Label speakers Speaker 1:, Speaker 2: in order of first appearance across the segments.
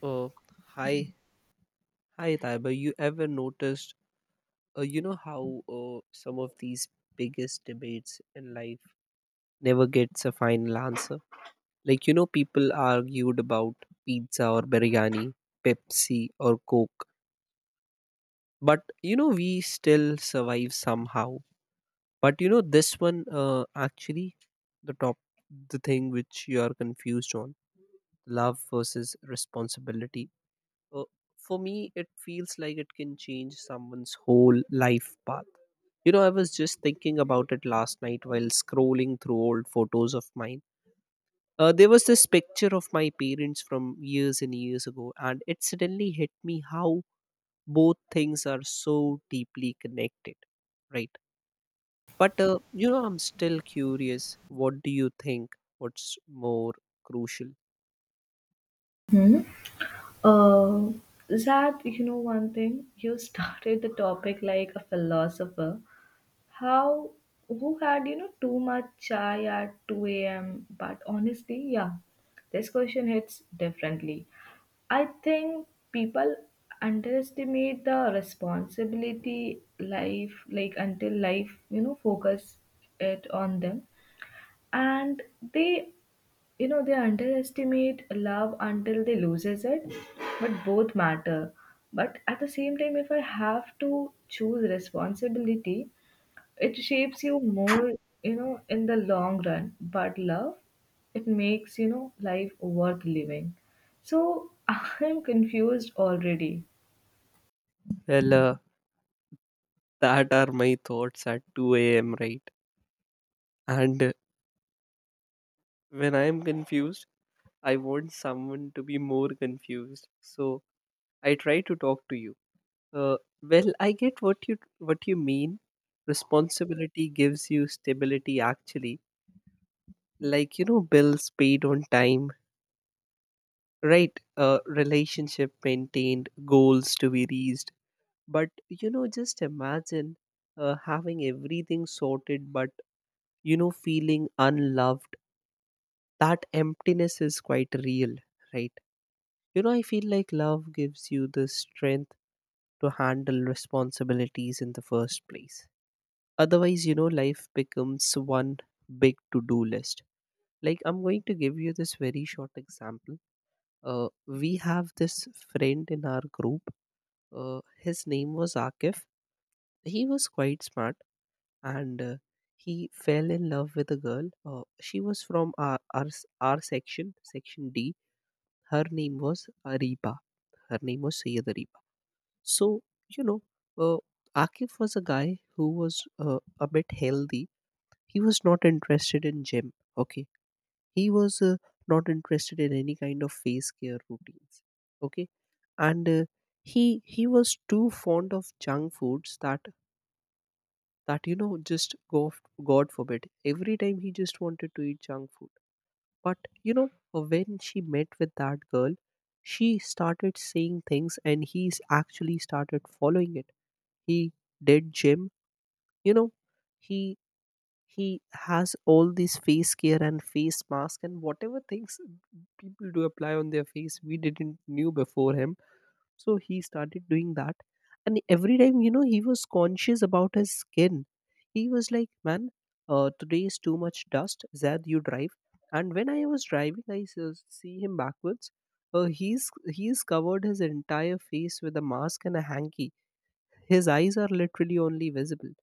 Speaker 1: Uh, hi, hi, Taiba. You ever noticed how some of these biggest debates in life never gets a final answer? People argued about pizza or biryani, Pepsi or Coke, but we still survive somehow. But this one the top, the thing which you are confused on love versus responsibility uh, for me it feels like it can change someone's whole life path. I was just thinking about it last night while scrolling through old photos of mine. There was this picture of my parents from years and years ago, and it suddenly hit me how both things are so deeply connected, right? But I'm still curious, what do you think, what's more crucial?
Speaker 2: Hmm? Uh, Zach, you know one thing? You started the topic like a philosopher. How, who had too much chai at 2 a.m.? But honestly, yeah, this question hits differently. I think people underestimate the responsibility life, like until life, focus it on them, and they you know they underestimate love until they loses it, but both matter. But at the same time, if I have to choose responsibility, it shapes you more, you know, in the long run. But love, it makes life worth living. So I'm confused already.
Speaker 1: Well, that are my thoughts at 2 a.m, right and When I am confused, I want someone to be more confused. So I try to talk to you. Uh, well, I get what you mean. Responsibility gives you stability, actually. Bills paid on time, right? Relationship maintained, goals to be reached. But just imagine having everything sorted, but feeling unloved. That emptiness is quite real, right? I feel like love gives you the strength to handle responsibilities in the first place. Otherwise, life becomes one big to do list. Like, I'm going to give you this very short example. We have this friend in our group. His name was Akif. He was quite smart, and he fell in love with a girl. She was from our section, section D. Her name was Ariba. Her name was Sayyid Ariba. So, you know, uh, Akif was a guy who was a bit healthy. He was not interested in gym. Okay. He was not interested in any kind of face care routines. Okay. And he was too fond of junk foods that just go. God forbid, every time he just wanted to eat junk food. But when she met with that girl, she started saying things, and he actually started following it. He did gym. You know he he has all these face care and face mask and whatever things people do apply on their face, we didn't knew before him. So he started doing that, and every time he was conscious about his skin. He was like, man, today is too much dust, Zad, you drive. And when I was driving, I see him backwards. Uh, he's he's covered his entire face with a mask and a hanky. His eyes are literally only visible.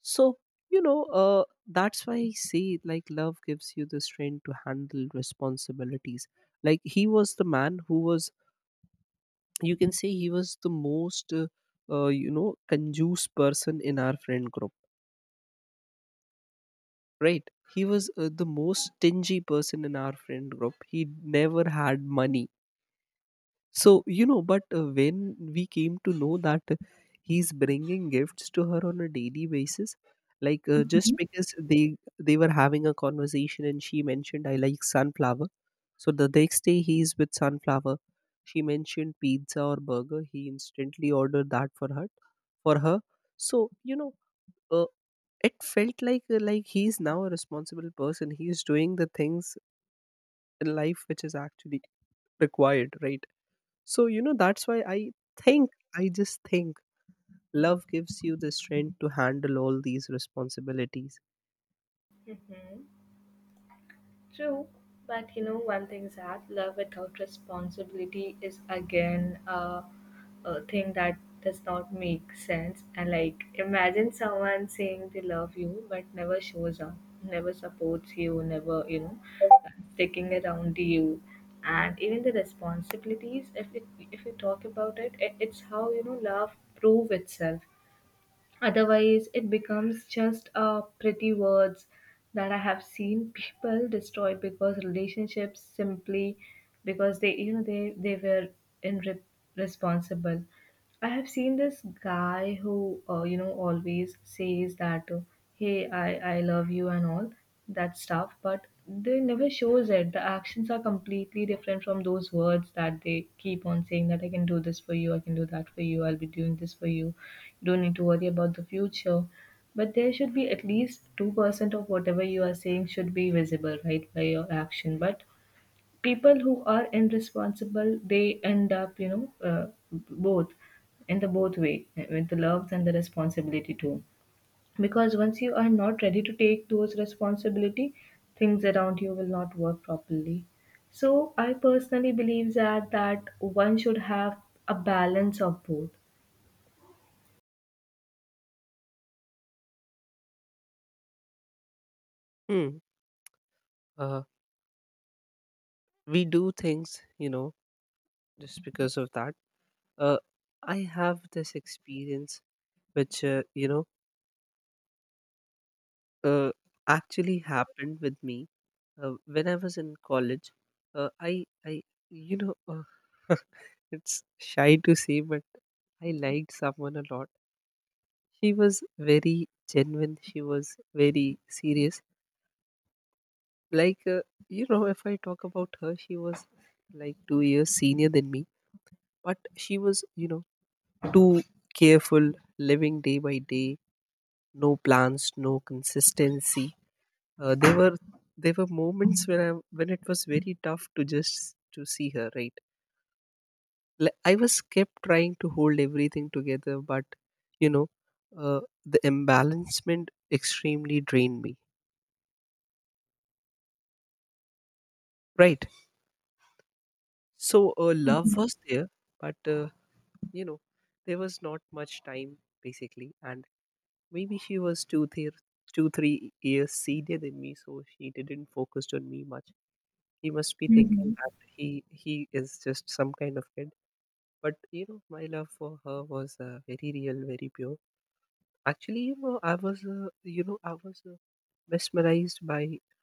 Speaker 1: So, that's why I say like love gives you the strength to handle responsibilities. Like, he was the man who was, you can say he was the most conjuice person in our friend group, right? He was the most stingy person in our friend group. He never had money. So, you know, but when we came to know that he's bringing gifts to her on a daily basis, just because they were having a conversation and she mentioned I like sunflower. So the next day he's with sunflower. She mentioned pizza or burger. He instantly ordered that for her. So uh, it felt like like he's now a responsible person. He's doing the things in life which is actually required, right? So, that's why think, I just think love gives you the strength to handle all these responsibilities.
Speaker 2: True, but you know one thing is that love without responsibility is again a thing that does not make sense. And like, imagine someone saying they love you but never shows up, never supports you, never sticking around you, and even the responsibilities. If you talk about it, it's how love prove itself. Otherwise, it becomes just pretty words that I have seen people destroy, because relationships simply, because they you know they were irresponsible. I have seen this guy who always says that hey, I love you and all that stuff, but they never shows it. The actions are completely different from those words that they keep on saying, that I can do this for you, I can do that for you, I'll be doing this for you. You don't need to worry about the future. But there should be at least 2% of whatever you are saying should be visible, right, by your action. But people who are irresponsible, they end up, both in the both way with the love and the responsibility too, because once you are not ready to take those responsibility, things around you will not work properly. So I personally believe that one should have a balance of both.
Speaker 1: Hmm. Uh, we do things, just because of that. Uh, I have this experience which, uh, actually happened with me when I was in college. Uh, I, I, you know, uh, it's shy to say, but I liked someone a lot. She was very genuine. She was very serious, like uh, if I talk about her, she was like 2 years senior than me, but she was too careful, living day by day, no plans, no consistency. Uh, there were there were moments when I when it was very tough to just to see her, right? Like, I was kept trying to hold everything together, but you know uh, the imbalancement extremely drained me, right? So love
Speaker 2: Mhm.
Speaker 1: was there, but you know there was not much time basically. And maybe she was two three years senior than me, so she didn't focus on me much. He must be thinking
Speaker 2: Mhm.
Speaker 1: that he is just some kind of kid. But my love for her was very real, very pure. Actually, you know I was you know I was mesmerized by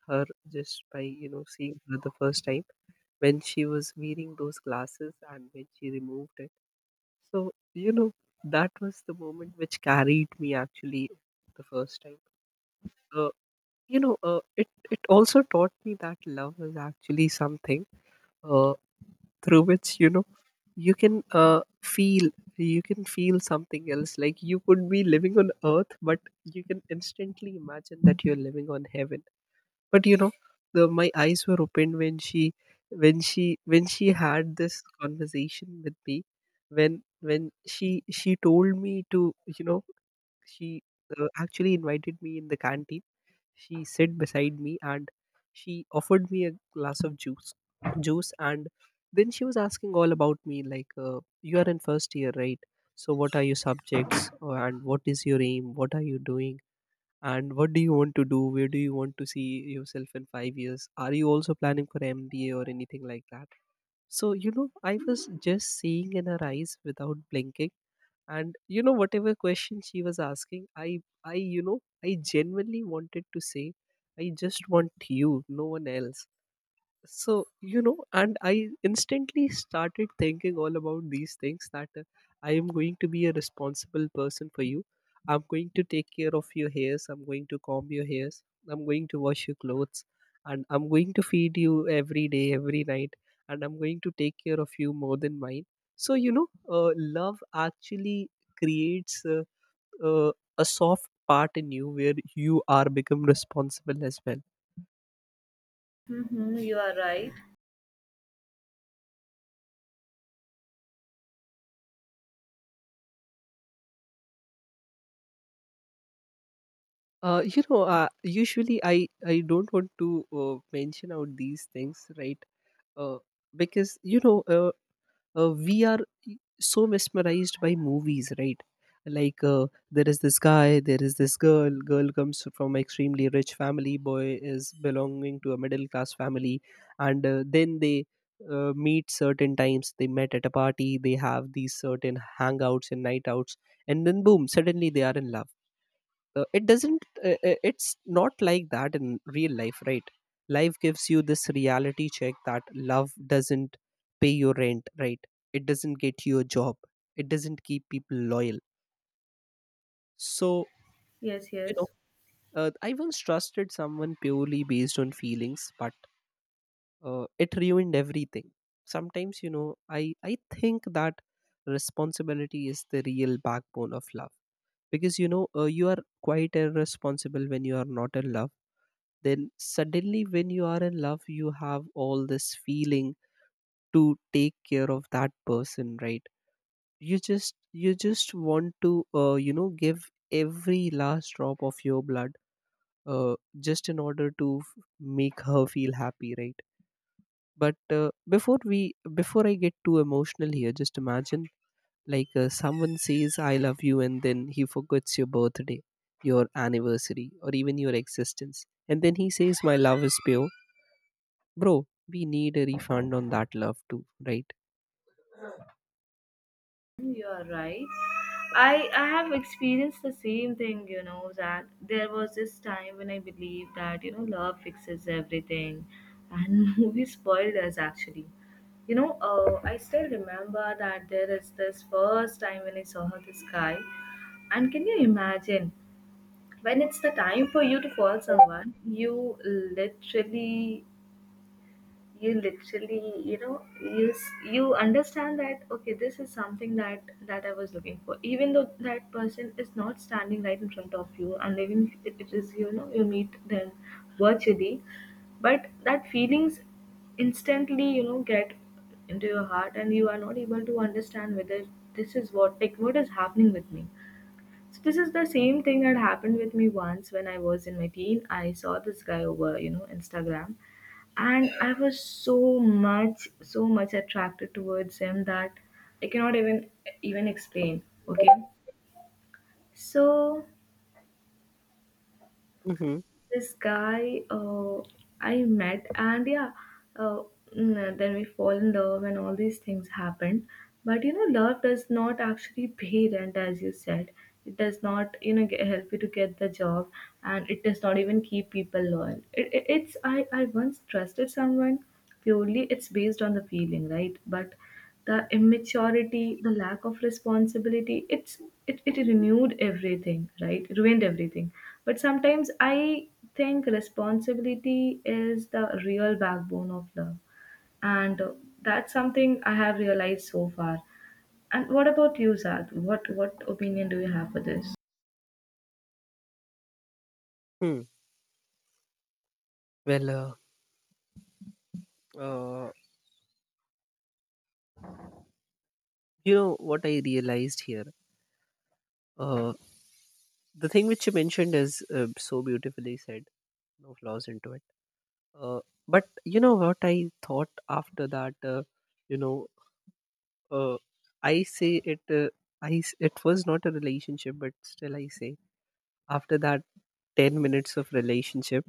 Speaker 1: her just by seeing her the first time, when she was wearing those glasses and when she removed. So, that was the moment which carried me, actually, the first time. Uh, it also taught me that love is actually something uh, through which, you can feel, you can feel something else. Like you could be living on earth, but you can instantly imagine that you're living on heaven. But the my eyes were opened when she had this conversation with me, when she told me to you know she actually invited me in the canteen. She sit beside me and she offered me a glass of juice and then she was asking all about me, like, you are in first year, right? So, what are your subjects? And what is your aim, what are you doing, and what do you want to do, where do you want to see yourself in 5 years? Are you also planning for mba or anything like that? So I was just seeing in her eyes without blinking, and whatever question she was asking, I you know I genuinely wanted to say, I just want you, no one else. So and I instantly started thinking all about these things, that I am going to be a responsible person for you, I'm going to take care of your hairs, I'm going to comb your hairs, I'm going to wash your clothes, and I'm going to feed you every day every night, and I'm going to take care of you more than mine. So love actually creates uh, a soft part in you where you are become responsible as well.
Speaker 2: Hmm, you are right.
Speaker 1: Usually I don't want to mention out these things, right? Uh, because we are so mesmerized by movies, right? There is this guy, there is this girl. Girl comes from extremely rich family. Boy is belonging to a middle class family, and then they meet certain times. They met at a party. They have these certain hangouts and night outs, and then boom, suddenly they are in love. It's not like that in real life, right? Life gives you this reality check, that love doesn't pay your rent, right? It doesn't get you a job, it doesn't keep people loyal. So
Speaker 2: Yes,
Speaker 1: you know
Speaker 2: yes.
Speaker 1: I once trusted someone purely based on feelings, but it ruined everything. Sometimes I think that responsibility is the real backbone of love. Because you are quite irresponsible when you are not in love. Then suddenly when you are in love, you have all this feeling to take care of that person, right? You just want to give every last drop of your blood, just in order to make her feel happy, right? But before we before I get too emotional here, just imagine someone says I love you, and then he forgets your birthday, your anniversary, or even your existence, and then he says, my love is pure. Bro, we need a refund on that love too, right?
Speaker 2: You are right. I have experienced the same thing, you know, that there was this time when I believed that love fixes everything, and movies spoiled us actually. I still remember that there is this first time when I saw this guy, and can you imagine, when it's the time for you to call someone, you literally you understand that, okay, this is something that I was looking for, even though that person is not standing right in front of you, and even if it is, you know, you meet them virtually. But that feelings instantly get into your heart, and you are not able to understand whether this is what, like, what is happening with me. So this is the same thing that happened with me once, when I was in my teen, I saw this guy over Instagram, and I was so much so much attracted towards him that I cannot even explain. Okay. So
Speaker 1: Mm-hmm.
Speaker 2: this guy I met, and yeah, uh, then we fall in love, and all these things happened. But love does not actually pay rent, as you said. It does not help you to get the job, and it does not even keep people loyal. It, it's I once trusted someone purely. It's based on the feeling, right? But the immaturity, the lack of responsibility, it renewed everything, right? Ruined everything. But sometimes I think responsibility is the real backbone of love. And that's something I have realized so far. And what about you, Zad? What opinion do you have for this?
Speaker 1: Hmm. Well, uh, you know what I realized here? Uh, the thing which you mentioned is so beautifully said, no flaws into it. Uh, but you know what I thought after that? You know, uh, I say it. It was not a relationship, but still I say, after that 10 minutes of relationship.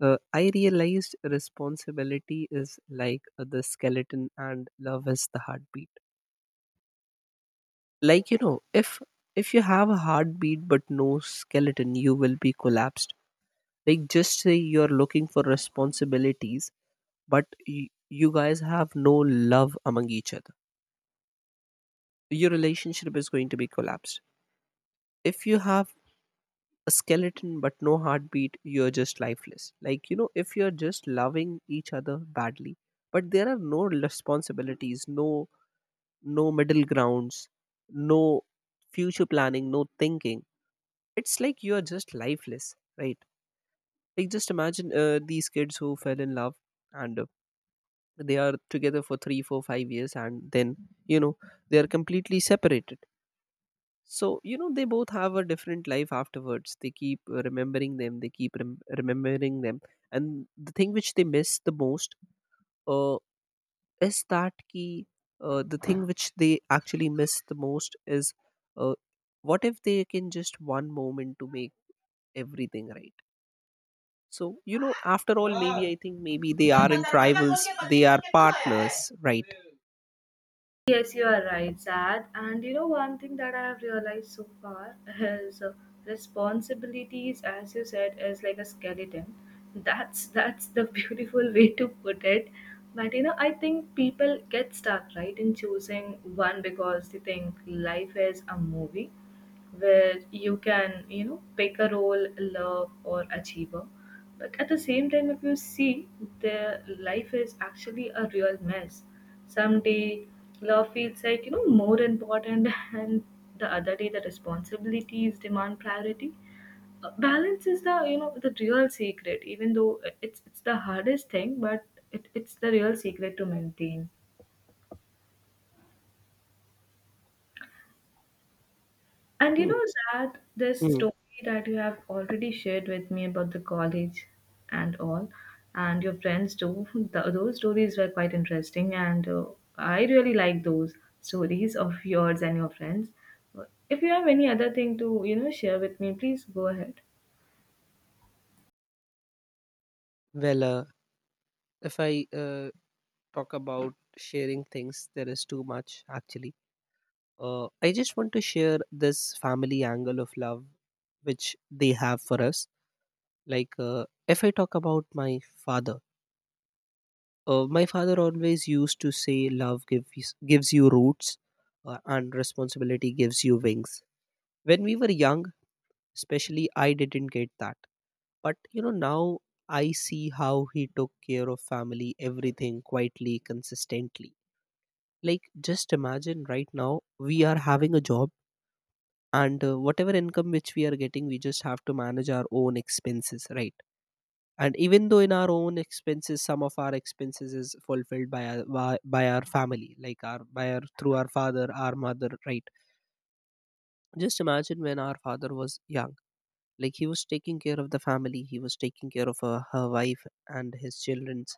Speaker 1: I realized responsibility is like the skeleton and love is the heartbeat. Like if you have a heartbeat but no skeleton, you will be collapsed. Like, just say you're looking for responsibilities, but you guys have no love among each other. Your relationship is going to be collapsed. If you have a skeleton but no heartbeat, you're just lifeless. If you're just loving each other badly, but there are no responsibilities, no middle grounds, no future planning, no thinking. It's like you are just lifeless, right? Like just imagine these kids who fell in love and they are together for three, four, 5 years, and then you know they are completely separated. So you know they both have a different life afterwards. They keep remembering them. They keep remembering them, and the thing which they miss the most uh, is that key the thing which they actually miss the most is uh, what if they can just one moment to make everything right. So you know, after all, maybe I think maybe they aren't rivals, they are partners, right?
Speaker 2: Yes, you are right, Sad. And you know, one thing that I have realized so far is responsibilities, as you said, is like a skeleton. That's the beautiful way to put it. But I think people get stuck right in choosing one, because they think life is a movie where you can pick a role, love or achiever, but at the same time, if you see, the life is actually a real mess. Someday, love feels like, more important, and the other day, the responsibilities demand priority. Balance is the real secret, even though it's the hardest thing, but it's the real secret to maintain. And
Speaker 1: Mm,
Speaker 2: Zad, this
Speaker 1: mm.
Speaker 2: story that you have already shared with me about the college and all, and your friends too, th those stories were quite interesting, and I really like those stories of yours and your friends. If you have any other thing to share with me, please go ahead.
Speaker 1: Well, if I talk about sharing things, there is too much actually. I just want to share this family angle of love which they have for us. Like, if I talk about my father. My father always used to say, "Love gives you roots, and responsibility gives you wings." When we were young, especially, I didn't get that. But you know, now I see how he took care of family, everything quietly, consistently. Like, just imagine right now we are having a job, and whatever income which we are getting, we just have to manage our own expenses, right? And even though in our own expenses, some of our expenses is fulfilled by our family, like our by our through our father, our mother, right? Just imagine when our father was young, like he was taking care of the family, he was taking care of her, her wife and his children's,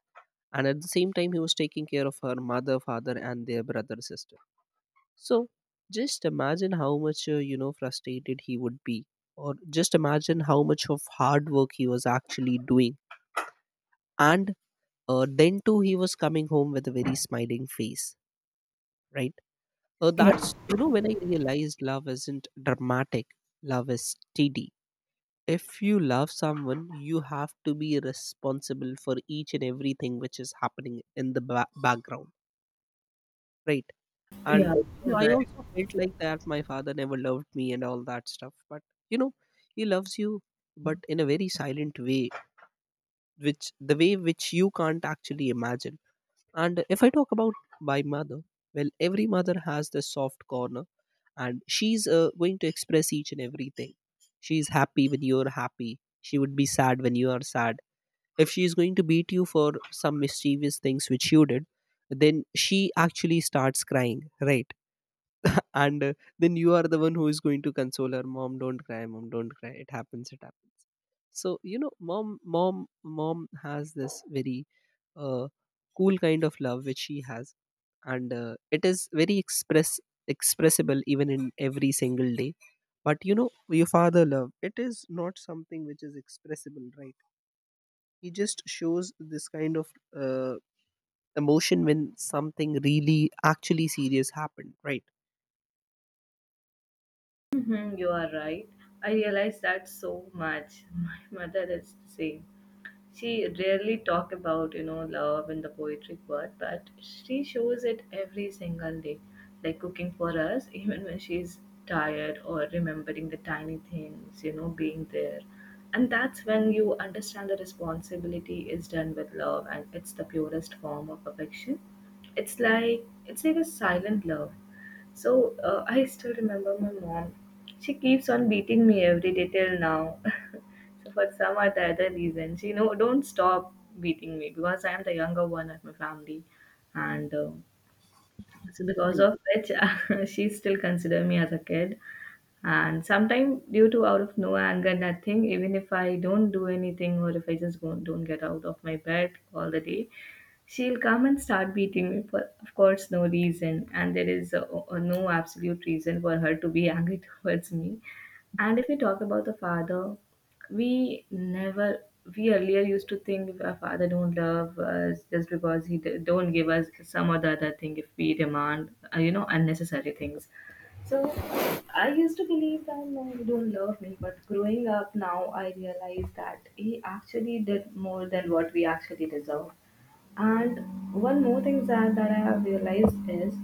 Speaker 1: and at the same time he was taking care of her mother, father and their brother, sister. So just imagine how much you know, frustrated he would be, or just imagine how much of hard work he was actually doing. And then too, he was coming home with a very smiling face, right?
Speaker 2: Yeah,
Speaker 1: That's, you know, when I realized love isn't dramatic. Love is steady. If you love someone, you have to be responsible for each and everything which is happening in the background, right? And
Speaker 2: yeah,
Speaker 1: you know,
Speaker 2: you're
Speaker 1: I
Speaker 2: right.
Speaker 1: also felt like that my father never loved me and all that stuff. But you know, he loves you, but in a very silent way, which the way which you can't actually imagine. And if I talk about my mother, well, every mother has this soft corner, and she's going to express each and everything. She's happy when you're happy. She would be sad when you are sad. If she's going to beat you for some mischievous things which you did, then she actually starts crying, right? and Then you are the one who is going to console her. Mom, don't cry. Mom, don't cry. It happens, it happens. So you know, mom has this very uh, cool kind of love which she has. And it is very express, expressible even in every single day. But you know, your father love, it is not something which is expressible, right? He just shows this kind of uh, emotion when something really actually serious happened, right?
Speaker 2: Mhm, you are right. I realize that so much. My mother is the same. She rarely talk about love in the poetic word, but she shows it every single day, like cooking for us even when she's tired, or remembering the tiny things, you know, being there. And that's when you understand the responsibility is done with love, and it's the purest form of affection. It's like a silent love. So I still remember, my mom, she keeps on beating me every day till now. So for some or the other reason, she no don't stop beating me, because I am the younger one of my family, and so because of which she still consider me as a kid. And sometimes, due to out of no anger, nothing, even if I don't do anything, or if I just won't, don't get out of my bed all the day, she'll come and start beating me for, of course, no reason. And there is no absolute reason for her to be angry towards me. And if we talk about the father, we never, we earlier used to think, if our father don't love us, just because he don't give us some or the other thing if we demand, unnecessary things. So I used to believe that, no, you don't love me, but growing up now, I realize that he actually did more than what we actually deserve. And one more thing that I have realized is,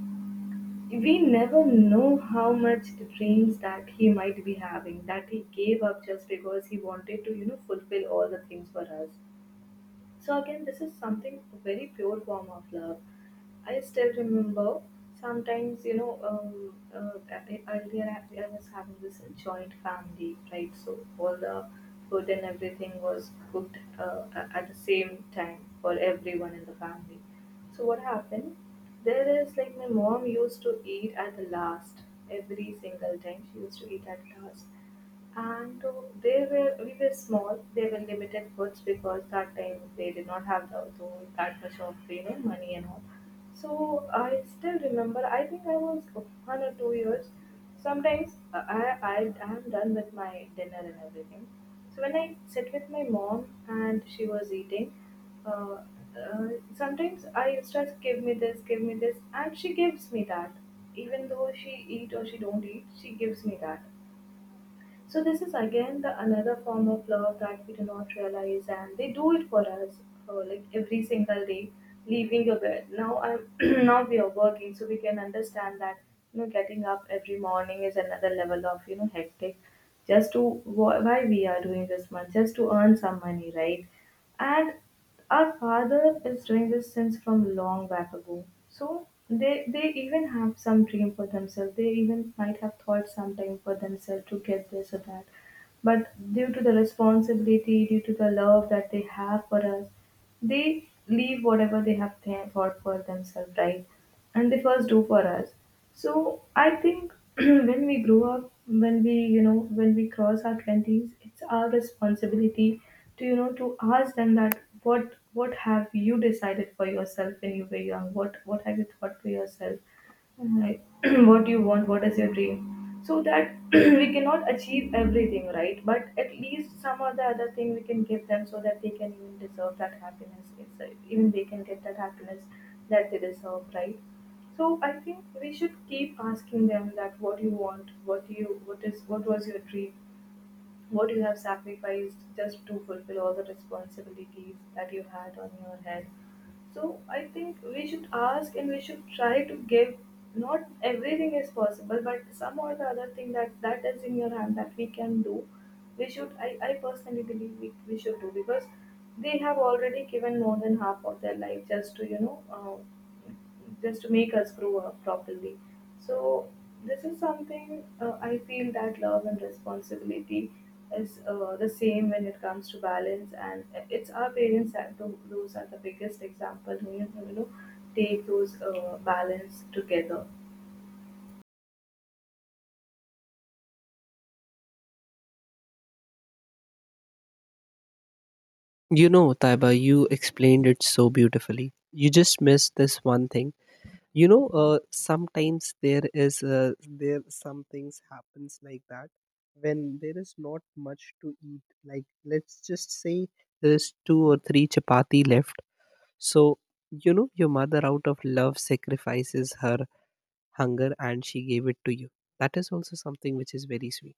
Speaker 2: we never know how much dreams that he might be having that he gave up, just because he wanted to fulfill all the things for us. So again, this is something very pure form of love. I still remember, sometimes, earlier I was having this joint family, right? So all the food and everything was cooked at the same time for everyone in the family. So what happened? There is, like, my mom used to eat at the last every single time. She used to eat at last, and they were we were small, they were limited goods, because that time they did not have that much of money and all. So I still remember, I think I was 1 or 2 years. Sometimes I am done with my dinner and everything, so when I sit with my mom and she was eating, uh, uh, sometimes I used to ask, give me this, give me this, and she gives me that. Even though she eat or she don't eat, she gives me that. So this is again the another form of love that we do not realize, and they do it for us, like every single day, leaving your bed. Now I'm now we are working, so we can understand that getting up every morning is another level of hectic, just to why we are doing this much, just to earn some money, right? And our father is doing this since from long back ago. So they even have some dream for themselves, they even might have thought sometime for themselves to get this or that, but due to the responsibility, due to the love that they have for us, they leave whatever they have thought for themselves, right? And they first do for us. So I think when we grow up, when we you know when we cross our twenties, it's our responsibility to ask them, that what have you decided for yourself when you were young? What have you thought for yourself? Like, what do you want? What is your dream? So that we cannot achieve everything, right? But at least some or the other thing we can give them, so that they can even deserve that happiness. It's, even they can get that happiness that they deserve, right? So I think we should keep asking them that what you want, what you, what is, what was your dream, what you have sacrificed just to fulfill all the responsibilities that you had on your head. So I think we should ask and we should try to give. Not everything is possible, but some or the other thing that is in your hand that we can do, we should. I personally believe we should do because they have already given more than half of their life just to just to make us grow up properly. So this is something I feel that love and responsibility is, the same when it comes to balance, and it's our parents that do. Those are the biggest example who, you know, take those balance together.
Speaker 1: You know, Taiba, you explained it so beautifully. You just missed this one thing. You know, sometimes there is there some things happens like that when there is not much to eat. Like, let's just say there is two or three chapati left. So you know, your mother out of love sacrifices her hunger and she gave it to you. That is also something which is very sweet.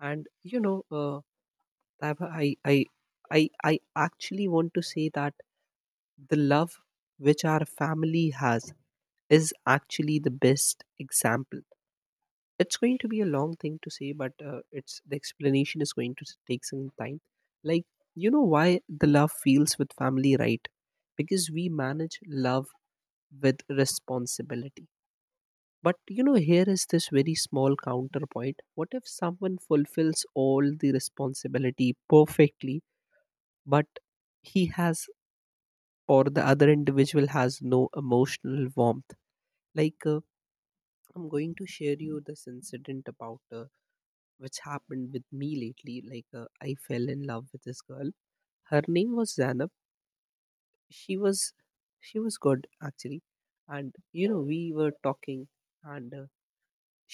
Speaker 1: And you know, Taiba, I actually want to say that the love which our family has is actually the best example. It's going to be a long thing to say, but it's the explanation is going to take some time. Like you know why the love feels with family, right? Because we manage love with responsibility. But you know, here is this very small counterpoint. What if someone fulfills all the responsibility perfectly, but he has, or the other individual has no emotional warmth? Like I'm going to share you this incident about which happened with me lately. Like I fell in love with this girl. Her name was Zanab. she was she was good actually. And you know, we were talking, and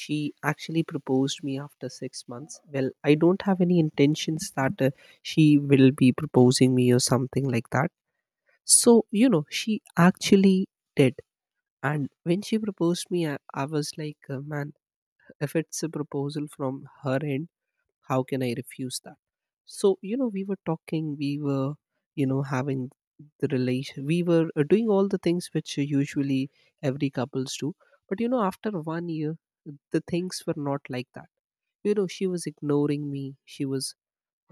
Speaker 1: she actually proposed me after 6 months. Well, I don't have any intentions that she will be proposing me or something like that. So you know, she actually did. And when she proposed me, I was like man, if it's a proposal from her end, how can I refuse that? So you know, we were talking, we were, you know, having the relation, we were doing all the things which usually every couples do. But you know, after one year, the things were not like that. You know, she was ignoring me. She was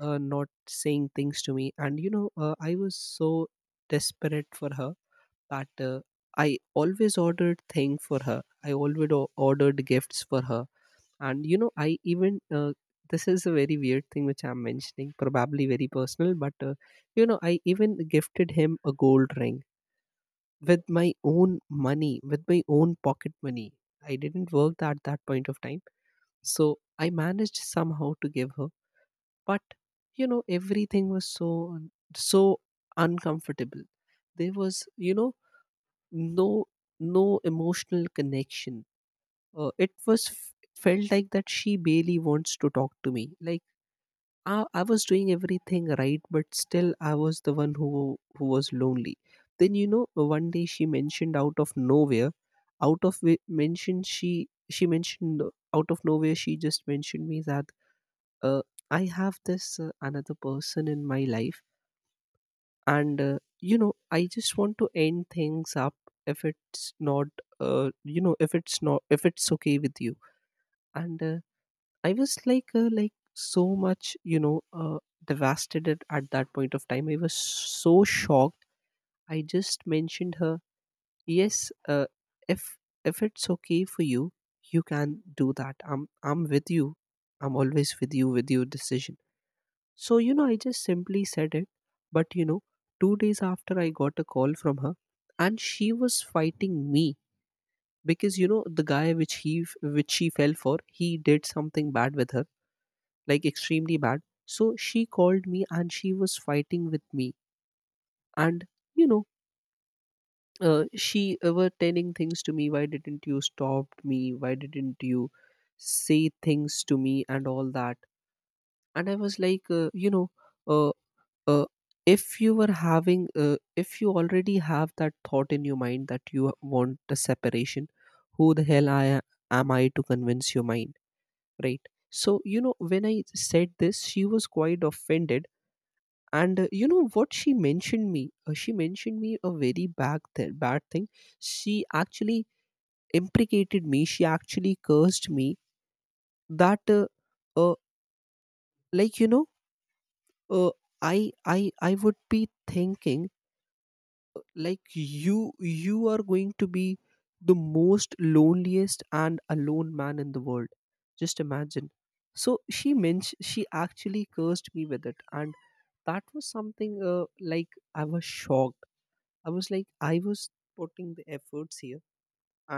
Speaker 1: not saying things to me. And you know, I was so desperate for her that I always ordered thing for her. I always ordered gifts for her, and you know, I even this is a very weird thing which I'm mentioning, probably very personal, but you know, I even gifted him a gold ring with my own money, with my own pocket money. I didn't work at that point of time, so I managed somehow to give her, but you know, everything was so, so uncomfortable. There was, you know, no no emotional connection. It was felt like that she barely wants to talk to me. Like I was doing everything right, but still I was the one who was lonely. Then you know, one day she mentioned out of nowhere, out of wi- mention she mentioned out of nowhere, she just mentioned me that uh, I have this another person in my life, and you know, I just want to end things up if it's not you know, if it's not, if it's okay with you. And I was like so much, you know, devastated at that point of time. I was so shocked. I just mentioned her, yes, if if it's okay for you, you can do that. I'm with you. I'm always with you with your decision. So, you know, I just simply said it. But, you know, 2 days after I got a call from her, and she was fighting me because, you know, the guy which he, which she fell for, he did something bad with her, like extremely bad. So she called me and she was fighting with me. And, you know, she were telling things to me. Why didn't you stop me? Why didn't you say things to me and all that? And I was like, you know, uh, uh, if you were having if you already have that thought in your mind that you want the separation, who the hell am I to convince your mind, right? So you know, when I said this, she was quite offended. And you know what she mentioned me, she mentioned me a very bad, bad thing. She actually imprecated me, she actually cursed me, that uh, like you know, uh, I would be thinking like you are going to be the most loneliest and alone man in the world. Just imagine. So she mentioned, she actually cursed me with it. And that was something like I was shocked. I was like, I was putting the efforts here,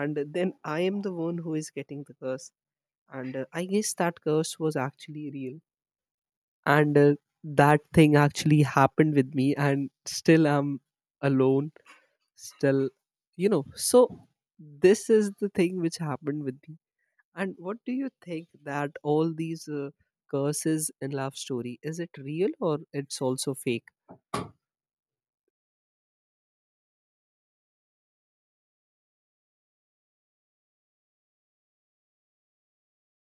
Speaker 1: and then I am the one who is getting the curse. And I guess that curse was actually real. And that thing actually happened with me. And still I'm alone still, you know. So this is the thing which happened with me. And what do you think that all these curses in love story, is it real or it's also fake?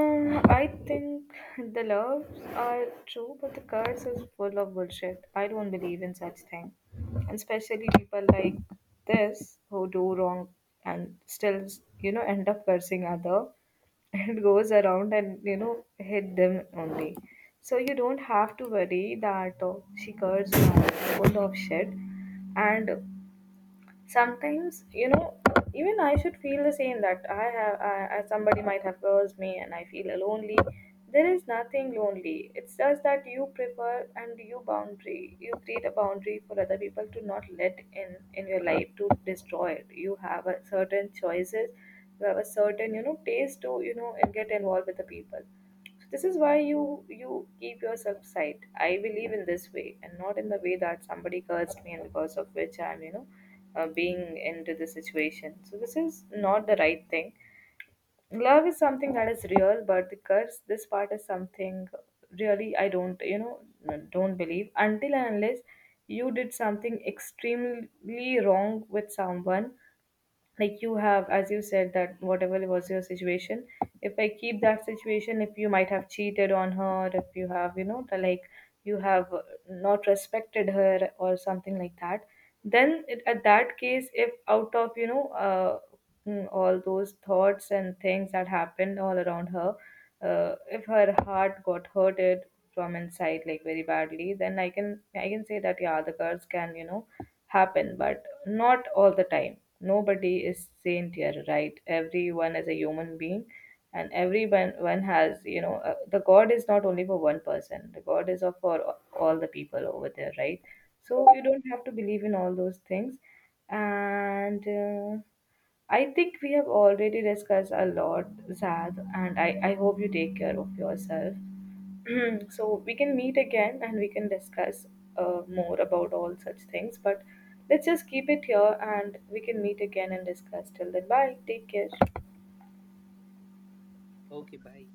Speaker 2: I think the loves are true, but the curse is full of bullshit. I don't believe in such thing. And especially people like this who do wrong and still, you know, end up cursing other, and goes around and you know hit them only. So you don't have to worry that she curds you out. Full of shit. And sometimes, you know, even I should feel the same, that I have I, somebody might have cursed me and I feel lonely. There is nothing lonely. It's just that you prefer and you boundary, you create a boundary for other people, to not let in your life to destroy it. You have a certain choices, you have a certain, you know, taste to, you know, and get involved with the people. This is why you keep yourself sight. I believe in this way and not in the way that somebody cursed me and because of which I'm, you know, being into the situation. So this is not the right thing. Love is something that is real, but the curse, this part is something really I don't, you know, don't believe, until and unless you did something extremely wrong with someone. Like you have, as you said, that whatever was your situation, if I keep that situation, if you might have cheated on her, if you have, you know, the, like, you have not respected her or something like that, then it, at that case, if out of, you know, all those thoughts and things that happened all around her, if her heart got hurted from inside like very badly, then I can say that yeah, the curse can, you know, happen. But not all the time. Nobody is saint here, right? Everyone is a human being, and everyone one has, you know, the god is not only for one person, the god is of for all the people over there, right? So you don't have to believe in all those things. And I think we have already discussed a lot, Zad, and I hope you take care of yourself. So we can meet again and we can discuss more about all such things. But let's just keep it here and we can meet again and discuss. Till then, bye. Take care.
Speaker 1: Okay, bye.